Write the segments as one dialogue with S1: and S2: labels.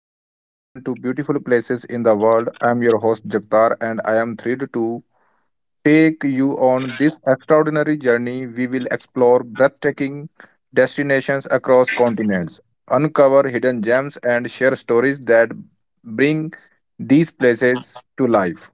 S1: Welcome everyone to Beautiful Places in the World. I am your host Jagtar and I am thrilled to take you on this extraordinary journey. We will explore breathtaking destinations across continents, uncover hidden gems and share stories that bring these places to life.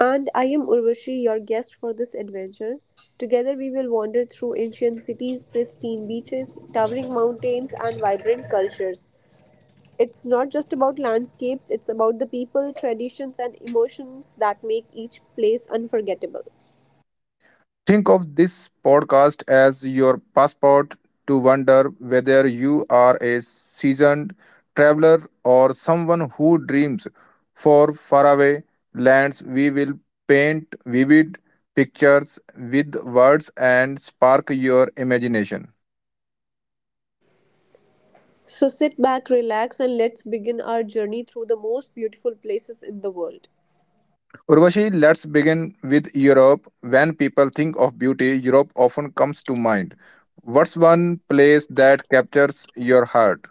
S2: And I am Urvashi, your guest for this adventure. Together we will wander through ancient cities, pristine beaches, towering mountains, and vibrant cultures. It's not just about landscapes, it's about the people, traditions, and emotions that make each place unforgettable.
S1: Think of this podcast as your passport to wonder whether you are a seasoned traveler or someone who dreams for faraway lands. We will paint vivid pictures with words and spark your imagination.
S2: So sit back, relax, and let's begin our journey through the most beautiful places in the world.
S1: Urvashi, let's begin with Europe. When people think of beauty, Europe often comes to mind. What's one place that captures your heart?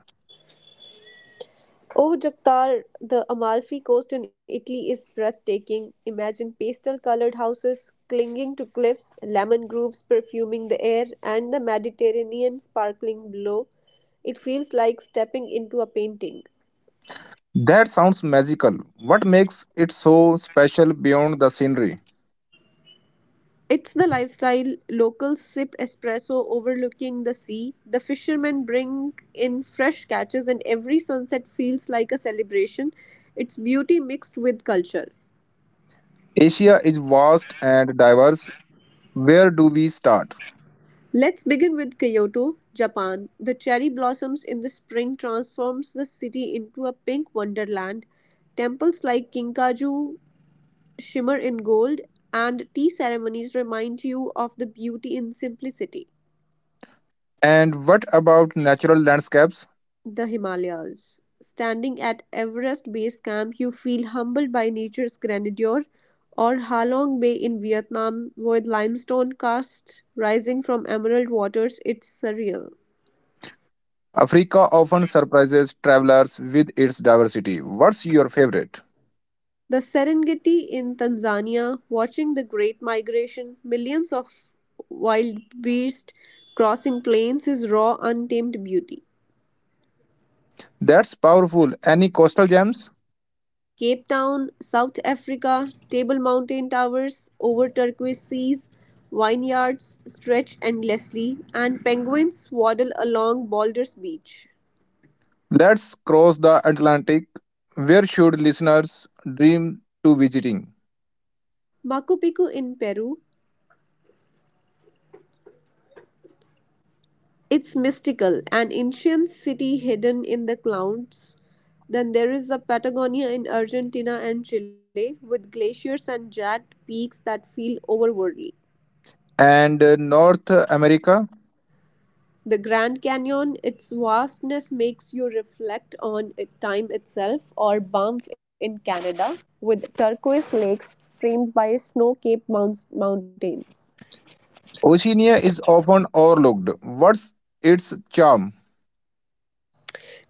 S2: Oh, Jactar, the Amalfi Coast in Italy is breathtaking. Imagine pastel colored houses clinging to cliffs, lemon groves perfuming the air, and the Mediterranean sparkling below. It feels like stepping into a painting.
S1: That sounds magical. What makes it so special beyond the scenery?
S2: It's the lifestyle. Locals sip espresso overlooking the sea. The fishermen bring in fresh catches, and every sunset feels like a celebration. It's beauty mixed with culture.
S1: Asia is vast and diverse. Where do we start?
S2: Let's begin with Kyoto, Japan. The cherry blossoms in the spring transforms the city into a pink wonderland. Temples like Kinkaju shimmer in gold and tea ceremonies remind you of the beauty in simplicity.
S1: And what about natural landscapes?
S2: The Himalayas. Standing at Everest Base Camp, you feel humbled by nature's grandeur, or Halong Bay in Vietnam, with limestone casts rising from emerald waters, it's surreal.
S1: Africa often surprises travelers with its diversity. What's your favorite?
S2: The Serengeti in Tanzania, watching the Great Migration, millions of wild beasts crossing plains is raw, untamed beauty.
S1: That's powerful. Any coastal gems?
S2: Cape Town, South Africa, Table Mountain towers over turquoise seas, vineyards stretch endlessly, and penguins waddle along Baldur's Beach.
S1: Let's cross the Atlantic. Where should listeners dream to visiting?
S2: Machu Picchu in Peru, it's mystical, an ancient city hidden in the clouds. Then there is the Patagonia in Argentina and Chile with glaciers and jagged peaks that feel overworldly.
S1: And North America.
S2: The Grand Canyon, its vastness makes you reflect on time itself, or Banff in Canada with turquoise lakes framed by snow capped mountains.
S1: Oceania is often overlooked. What's its charm?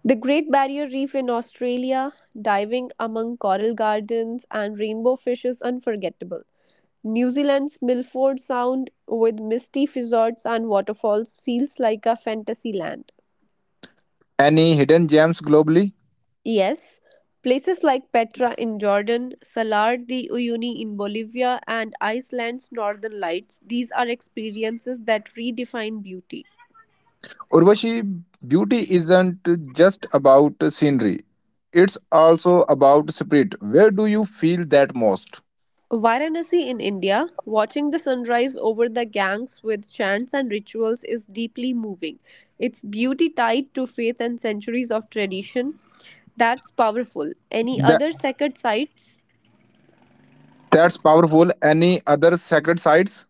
S2: The Great Barrier Reef in Australia, diving among coral gardens and rainbow fish is unforgettable. New Zealand's Milford Sound with misty fjords and waterfalls feels like a fantasy land.
S1: Any hidden gems globally?
S2: Yes, places like Petra in Jordan, Salar de Uyuni in Bolivia, and Iceland's Northern Lights, these are experiences that redefine beauty.
S1: Urvashi, beauty isn't just about scenery. It's also about spirit. Where do you feel that most?
S2: Varanasi in India, watching the sunrise over the Ganges with chants and rituals is deeply moving. Its beauty tied to faith and centuries of tradition, that's powerful. Any
S1: That,
S2: other sacred sites?
S1: that's powerful. Any other sacred sites?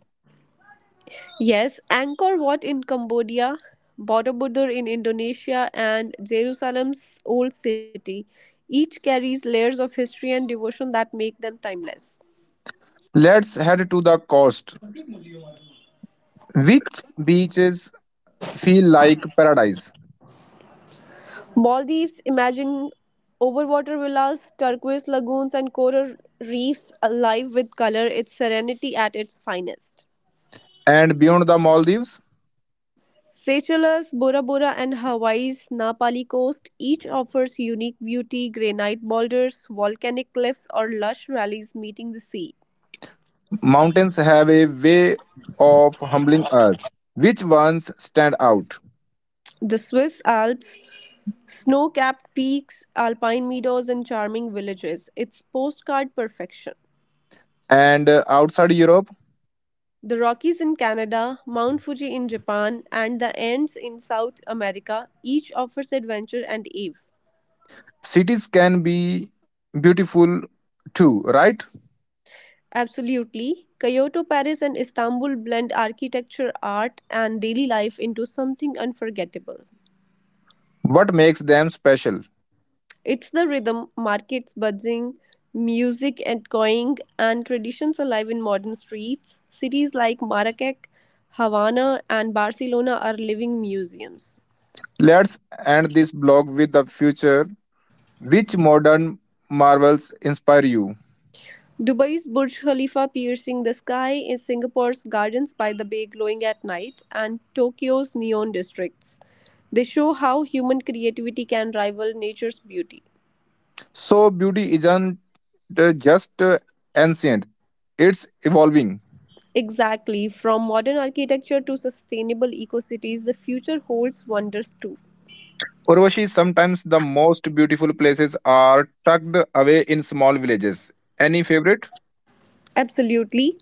S2: Yes, Angkor Wat in Cambodia, Borobudur in Indonesia, and Jerusalem's Old City. Each carries layers of history and devotion that make them timeless.
S1: Let's head to the coast. Which beaches feel like paradise?
S2: Maldives imagine overwater villas, turquoise lagoons, and coral reefs alive with color, its serenity at its finest.
S1: And beyond the Maldives,
S2: Seychelles, Bora Bora, and Hawaii's Napali coast each offers unique beauty, granite boulders, volcanic cliffs, or lush valleys meeting the sea.
S1: mountains have a way of humbling us. Which ones stand out?
S2: The Swiss Alps, snow capped peaks, alpine meadows, and charming villages. It's postcard perfection.
S1: And outside Europe,
S2: The Rockies in Canada, Mount Fuji in Japan, and the Andes in South America each offers adventure and awe.
S1: cities can be beautiful too, right?
S2: Absolutely, Kyoto, Paris, and Istanbul blend architecture, art, and daily life into something unforgettable.
S1: What makes them special?
S2: It's the rhythm, markets buzzing, music echoing, and traditions alive in modern streets. Cities like Marrakech, Havana, and Barcelona are living museums.
S1: Let's end this blog with the future. Which modern marvels inspire you?
S2: Dubai's Burj Khalifa piercing the sky is Singapore's gardens by the bay glowing at night and Tokyo's neon districts. They show how human creativity can rival nature's beauty.
S1: So beauty isn't just ancient, it's evolving.
S2: Exactly, from modern architecture to sustainable eco cities, the future holds wonders too.
S1: Urvashi, sometimes the most beautiful places are tucked away in small villages. Any favorite?
S2: Absolutely.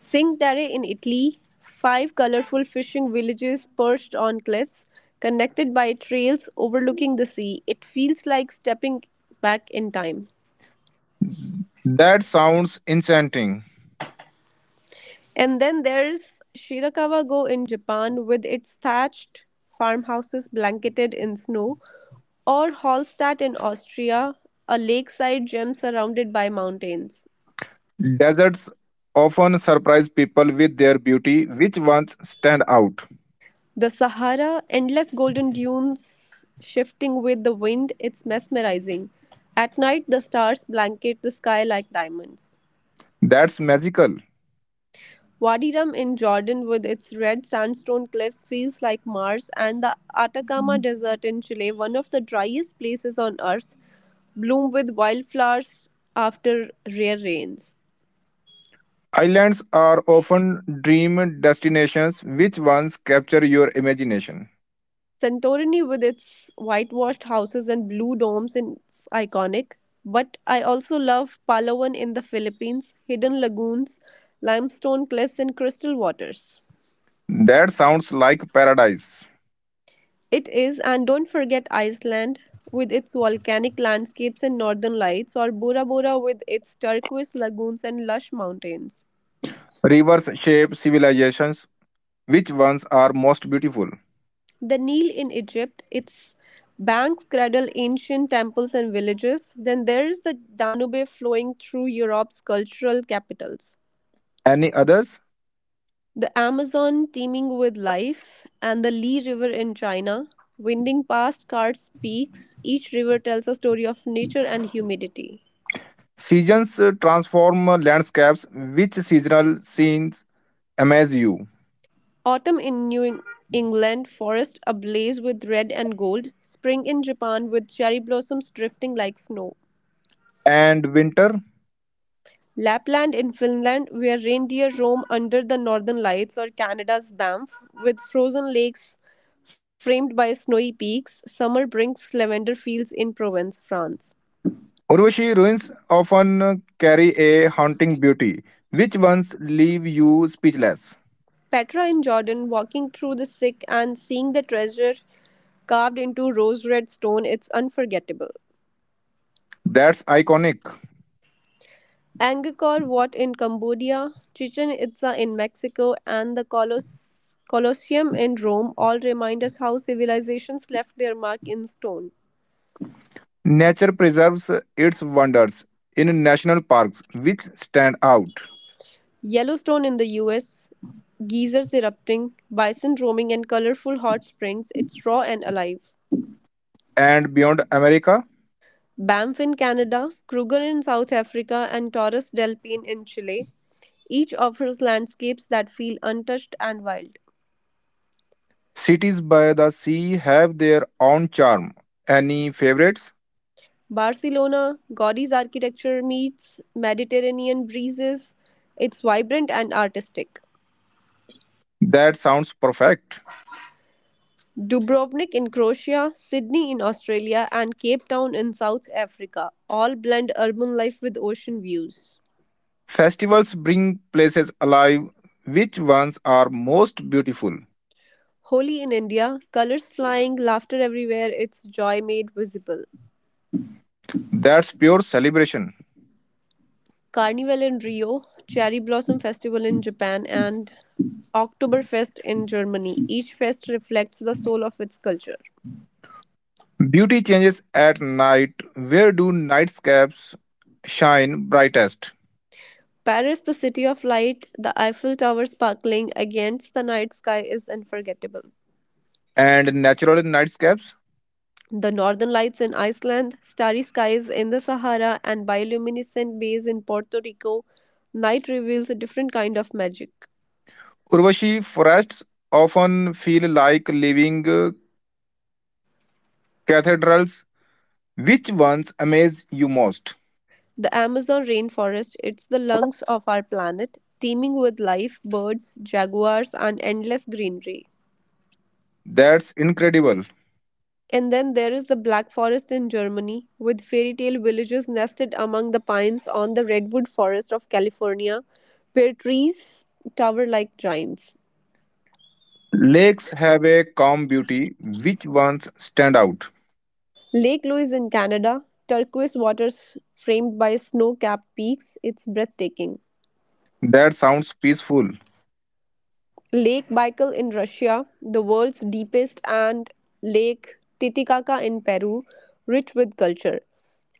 S2: Cinque Terre in Italy, five colorful fishing villages perched on cliffs, connected by trails overlooking the sea. It feels like stepping back in time.
S1: That sounds enchanting.
S2: And then there's Shirakawa go in Japan with its thatched farmhouses blanketed in snow, or Hallstatt in Austria, a lakeside gem surrounded by mountains.
S1: Deserts often surprise people with their beauty, which ones stand out?
S2: The Sahara, endless golden dunes shifting with the wind, it's mesmerizing. At night, the stars blanket the sky like diamonds.
S1: That's magical.
S2: Wadi Rum in Jordan with its red sandstone cliffs feels like Mars, and the Atacama Desert in Chile, one of the driest places on Earth, bloom with wildflowers after rare rains.
S1: Islands are often dream destinations, which ones capture your imagination?
S2: Santorini, with its whitewashed houses and blue domes, is iconic. But I also love Palawan in the Philippines, hidden lagoons, limestone cliffs, and crystal waters.
S1: That sounds like paradise.
S2: It is, and don't forget Iceland with its volcanic landscapes and northern lights, or Bora Bora with its turquoise lagoons and lush mountains.
S1: Rivers shape civilizations. Which ones are most beautiful?
S2: The Nile in Egypt, its banks cradle ancient temples and villages. Then there's the Danube flowing through Europe's cultural capitals.
S1: Any others?
S2: The Amazon teeming with life, and the Li River in China, winding past Karst peaks, each river tells a story of nature and humidity.
S1: Seasons transform landscapes. Which seasonal scenes amaze you?
S2: Autumn in England, forest ablaze with red and gold. Spring in Japan, with cherry blossoms drifting like snow.
S1: And winter?
S2: Lapland in Finland, where reindeer roam under the northern lights, or Canada's Banff, with frozen lakes framed by snowy peaks. Summer brings lavender fields in Provence, France.
S1: Urvashi ruins often carry a haunting beauty. Which ones leave you speechless?
S2: Petra in Jordan, walking through the sick and seeing the treasure carved into rose red stone, it's unforgettable.
S1: That's iconic.
S2: Angkor Wat in Cambodia, Chichen Itza in Mexico, and the Colosseum in Rome all remind us how civilizations left their mark in stone.
S1: Nature preserves its wonders in national parks, which stand out.
S2: Yellowstone in the US, geysers erupting, bison roaming, and colorful hot springs, it's raw and alive.
S1: And beyond America?
S2: Banff in Canada, Kruger in South Africa, and Torres del Paine in Chile each offers landscapes that feel untouched and wild.
S1: Cities by the sea have their own charm. Any favorites?
S2: Barcelona, Gaudí's architecture meets Mediterranean breezes. It's vibrant and artistic.
S1: That sounds perfect.
S2: Dubrovnik in Croatia, Sydney in Australia, and Cape Town in South Africa all blend urban life with ocean views.
S1: Festivals bring places alive. Which ones are most beautiful?
S2: Holi in India, colors flying, laughter everywhere, its joy made visible.
S1: That's pure celebration.
S2: Carnival in Rio, Cherry Blossom Festival in Japan, and Oktoberfest in Germany. Each fest reflects the soul of its culture.
S1: Beauty changes at night. Where do nightscapes shine brightest?
S2: Paris, the city of light, the Eiffel Tower sparkling against the night sky is unforgettable.
S1: And natural nightscapes?
S2: The northern lights in Iceland, starry skies in the Sahara, and bioluminescent bays in Puerto Rico, night reveals a different kind of magic.
S1: Urvashi forests often feel like living cathedrals. Which ones amaze you most?
S2: The Amazon rainforest, it's the lungs of our planet, teeming with life, birds, jaguars, and endless greenery.
S1: That's incredible.
S2: And then there is the Black Forest in Germany, with fairy tale villages nested among the pines on the redwood forest of California, where trees tower like giants.
S1: Lakes have a calm beauty. Which ones stand out?
S2: Lake Louise in Canada, turquoise waters framed by snow capped peaks, it's breathtaking.
S1: That sounds peaceful.
S2: Lake Baikal in Russia, the world's deepest, and Lake Titicaca in Peru, rich with culture.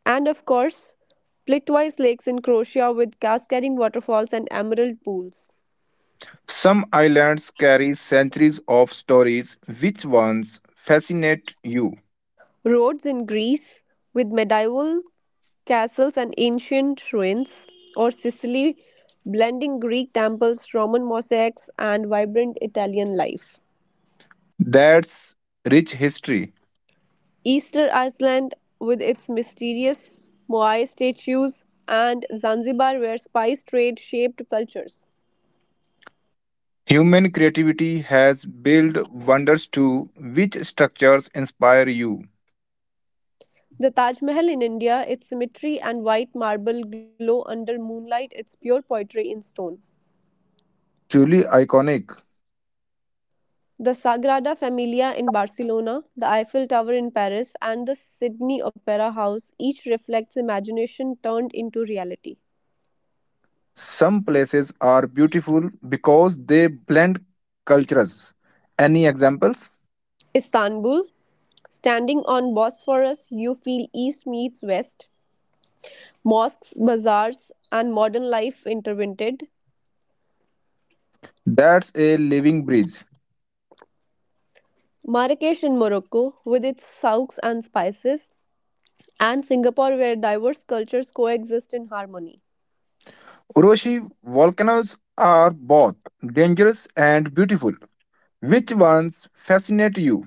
S2: And of course, Plitvice lakes in Croatia with cascading waterfalls and emerald pools.
S1: Some islands carry centuries of stories. Which ones fascinate you?
S2: Roads in Greece with medieval castles and ancient ruins, or Sicily blending Greek temples, Roman mosaics, and vibrant Italian life.
S1: That's rich history.
S2: Easter Iceland with its mysterious Moai statues, and Zanzibar, where spice trade shaped cultures.
S1: Human creativity has built wonders too. Which structures inspire you?
S2: The Taj Mahal in India, its symmetry and white marble glow under moonlight, its pure poetry in stone.
S1: Truly iconic.
S2: The Sagrada Familia in Barcelona, the Eiffel Tower in Paris, and the Sydney Opera House each reflects imagination turned into reality.
S1: Some places are beautiful because they blend cultures. Any examples?
S2: Istanbul, standing on Bosphorus, you feel East meets West, mosques, bazaars, and modern life intertwined.
S1: That's a living bridge.
S2: Marrakesh in Morocco, with its souks and spices, and Singapore, where diverse cultures coexist in harmony.
S1: Uroshi, volcanoes are both dangerous and beautiful. Which ones fascinate you?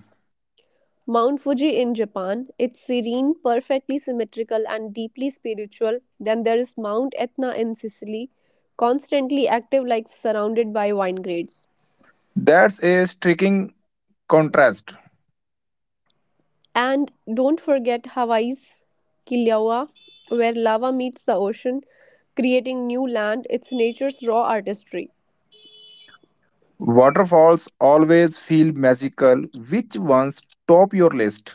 S2: Mount Fuji in Japan, it's serene, perfectly symmetrical, and deeply spiritual. Then there is Mount Etna in Sicily, constantly active, like surrounded by vineyards.
S1: That's a striking contrast.
S2: And don't forget Hawaii's Kilauea, where lava meets the ocean, creating new land. It's nature's raw artistry.
S1: Waterfalls always feel magical. Which ones top your list?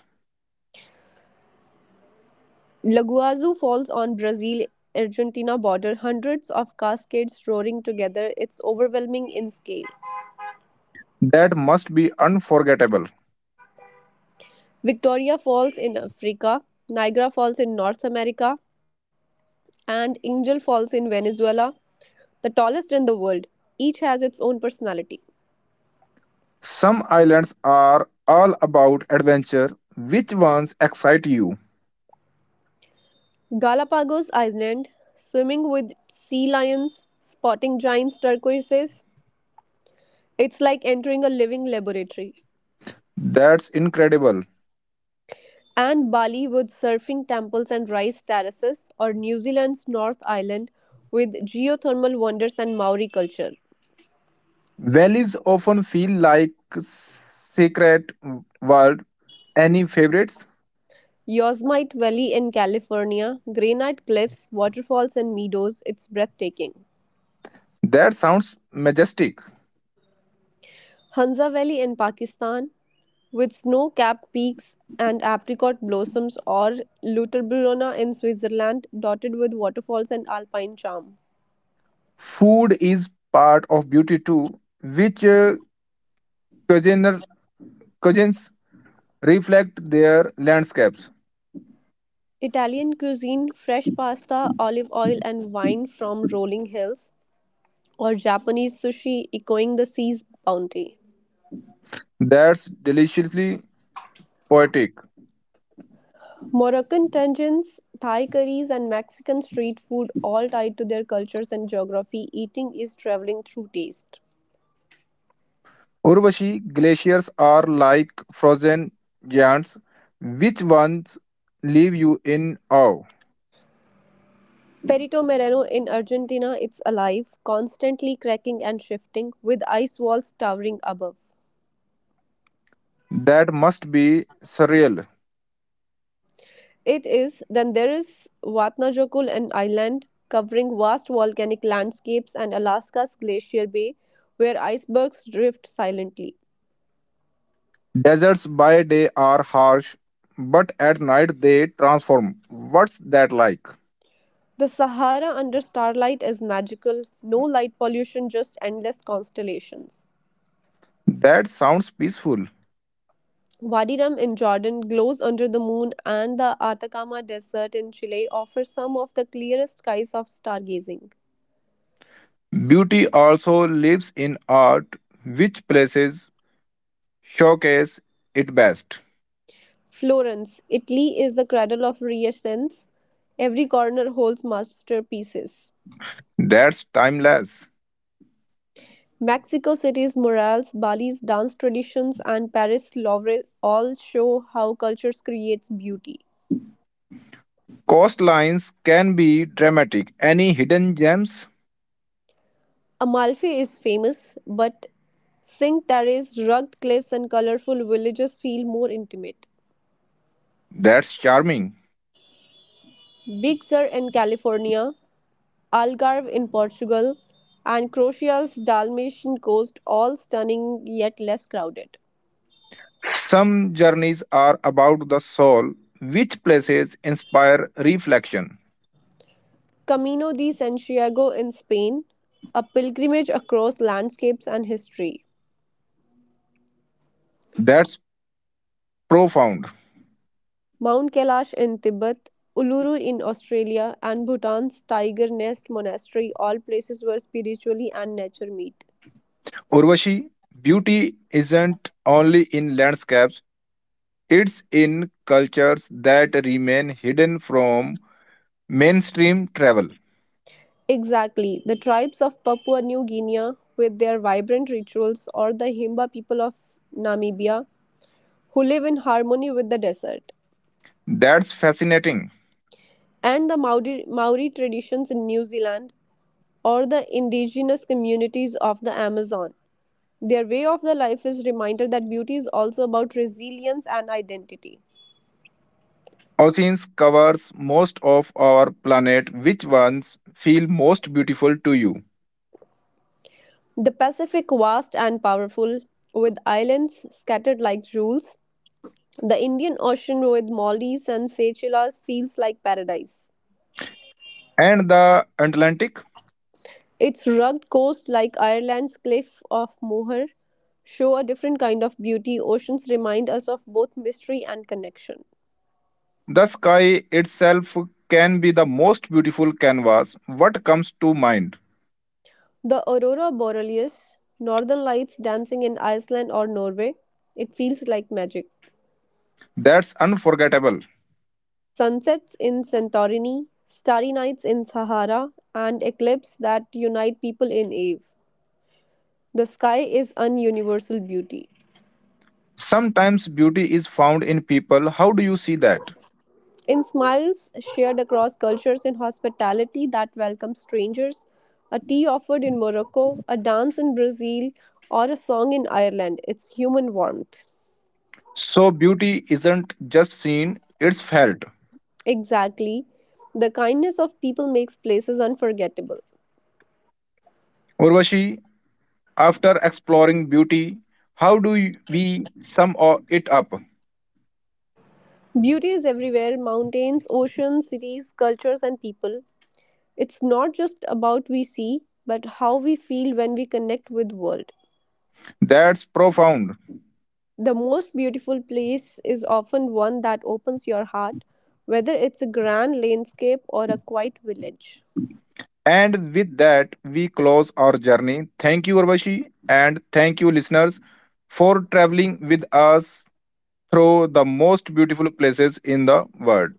S2: Laguazu Falls on Brazil Argentina border, hundreds of cascades roaring together. It's overwhelming in scale.
S1: That must be unforgettable.
S2: Victoria Falls in Africa, Niagara Falls in North America, and Angel Falls in Venezuela, the tallest in the world, each has its own personality.
S1: Some islands are all about adventure. Which ones excite you?
S2: Galapagos Island, swimming with sea lions, spotting giant turquoises, it's like entering a living laboratory.
S1: That's incredible.
S2: And Bali with surfing temples and rice terraces, or New Zealand's North Island with geothermal wonders and Maori culture.
S1: Valleys often feel like secret world. Any favorites?
S2: Yosemite Valley in California, granite cliffs, waterfalls, and meadows, it's breathtaking.
S1: That sounds majestic.
S2: Hunza Valley in Pakistan, with snow capped peaks and apricot blossoms, or Luterbrunna in Switzerland, dotted with waterfalls and alpine charm.
S1: Food is part of beauty too, which cuisiner- cuisines reflect their landscapes.
S2: Italian cuisine, fresh pasta, olive oil, and wine from rolling hills, or Japanese sushi, echoing the sea's bounty.
S1: That's deliciously poetic.
S2: Moroccan tangines, Thai curries, and Mexican street food all tied to their cultures and geography. Eating is traveling through taste.
S1: Urvashi, glaciers are like frozen giants, which ones leave you in awe.
S2: Perito Moreno in Argentina, it's alive, constantly cracking and shifting, with ice walls towering above.
S1: That must be surreal.
S2: It is, then there is Vatnajökull, an island covering vast volcanic landscapes and Alaska's Glacier Bay, where icebergs drift silently.
S1: Deserts by day are harsh, but at night they transform. What's that like?
S2: The Sahara under starlight is magical, no light pollution, just endless constellations.
S1: That sounds peaceful.
S2: Wadi Rum in Jordan glows under the moon, and the Atacama Desert in Chile offers some of the clearest skies of stargazing.
S1: Beauty also lives in art, which places showcase it best.
S2: Florence, Italy is the cradle of Renaissance. Every corner holds masterpieces.
S1: That's timeless.
S2: Mexico City's murals, Bali's dance traditions, and Paris' Louvre all show how cultures creates beauty.
S1: Coastlines can be dramatic. Any hidden gems?
S2: Amalfi is famous, but Cinque Terre's rugged cliffs and colorful villages feel more intimate.
S1: That's charming.
S2: Big Sur in California, Algarve in Portugal, and Croatia's Dalmatian coast all stunning yet less crowded.
S1: Some journeys are about the soul, which places inspire reflection.
S2: Camino de Santiago in Spain, a pilgrimage across landscapes and history.
S1: That's profound.
S2: Mount Kailash in Tibet, Uluru in Australia, and Bhutan's Tiger Nest Monastery, all places where spirituality and nature meet.
S1: Urvashi, beauty isn't only in landscapes, it's in cultures that remain hidden from mainstream travel.
S2: Exactly. The tribes of Papua New Guinea, with their vibrant rituals, or the Himba people of Namibia, who live in harmony with the desert,
S1: That's fascinating.
S2: and the Maori traditions in New Zealand, or the indigenous communities of the Amazon. Their way of the life is reminder that beauty is also about resilience and identity.
S1: Oceans covers most of our planet. Which ones feel most beautiful to you?
S2: The Pacific vast and powerful, with islands scattered like jewels, the Indian Ocean with Maldives and Seychelles feels like paradise.
S1: And the Atlantic?
S2: Its rugged coast, like Ireland's Cliff of Moher, show a different kind of beauty. Oceans remind us of both mystery and connection.
S1: The sky itself can be the most beautiful canvas. What comes to mind?
S2: The aurora borealis, northern lights dancing in Iceland or Norway, it feels like magic.
S1: That's unforgettable.
S2: Sunsets in Santorini, starry nights in Sahara, and eclipses that unite people in Ave. The sky is an universal beauty.
S1: Sometimes beauty is found in people. How do you see that?
S2: In smiles shared across cultures, in hospitality that welcomes strangers, a tea offered in Morocco, a dance in Brazil, or a song in Ireland, it's human warmth.
S1: So, beauty isn't just seen, it's felt.
S2: Exactly. The kindness of people makes places unforgettable.
S1: Urvashi, after exploring beauty, how do we it up?
S2: Beauty is everywhere mountains, oceans, cities, cultures, and people. It's not just about we see, but how we feel when we connect with world.
S1: That's profound.
S2: The most beautiful place is often one that opens your heart, whether it's a grand landscape or a quiet village.
S1: And with that, we close our journey. Thank you, Urvashi, and thank you, listeners, for traveling with us through the most beautiful places in the world.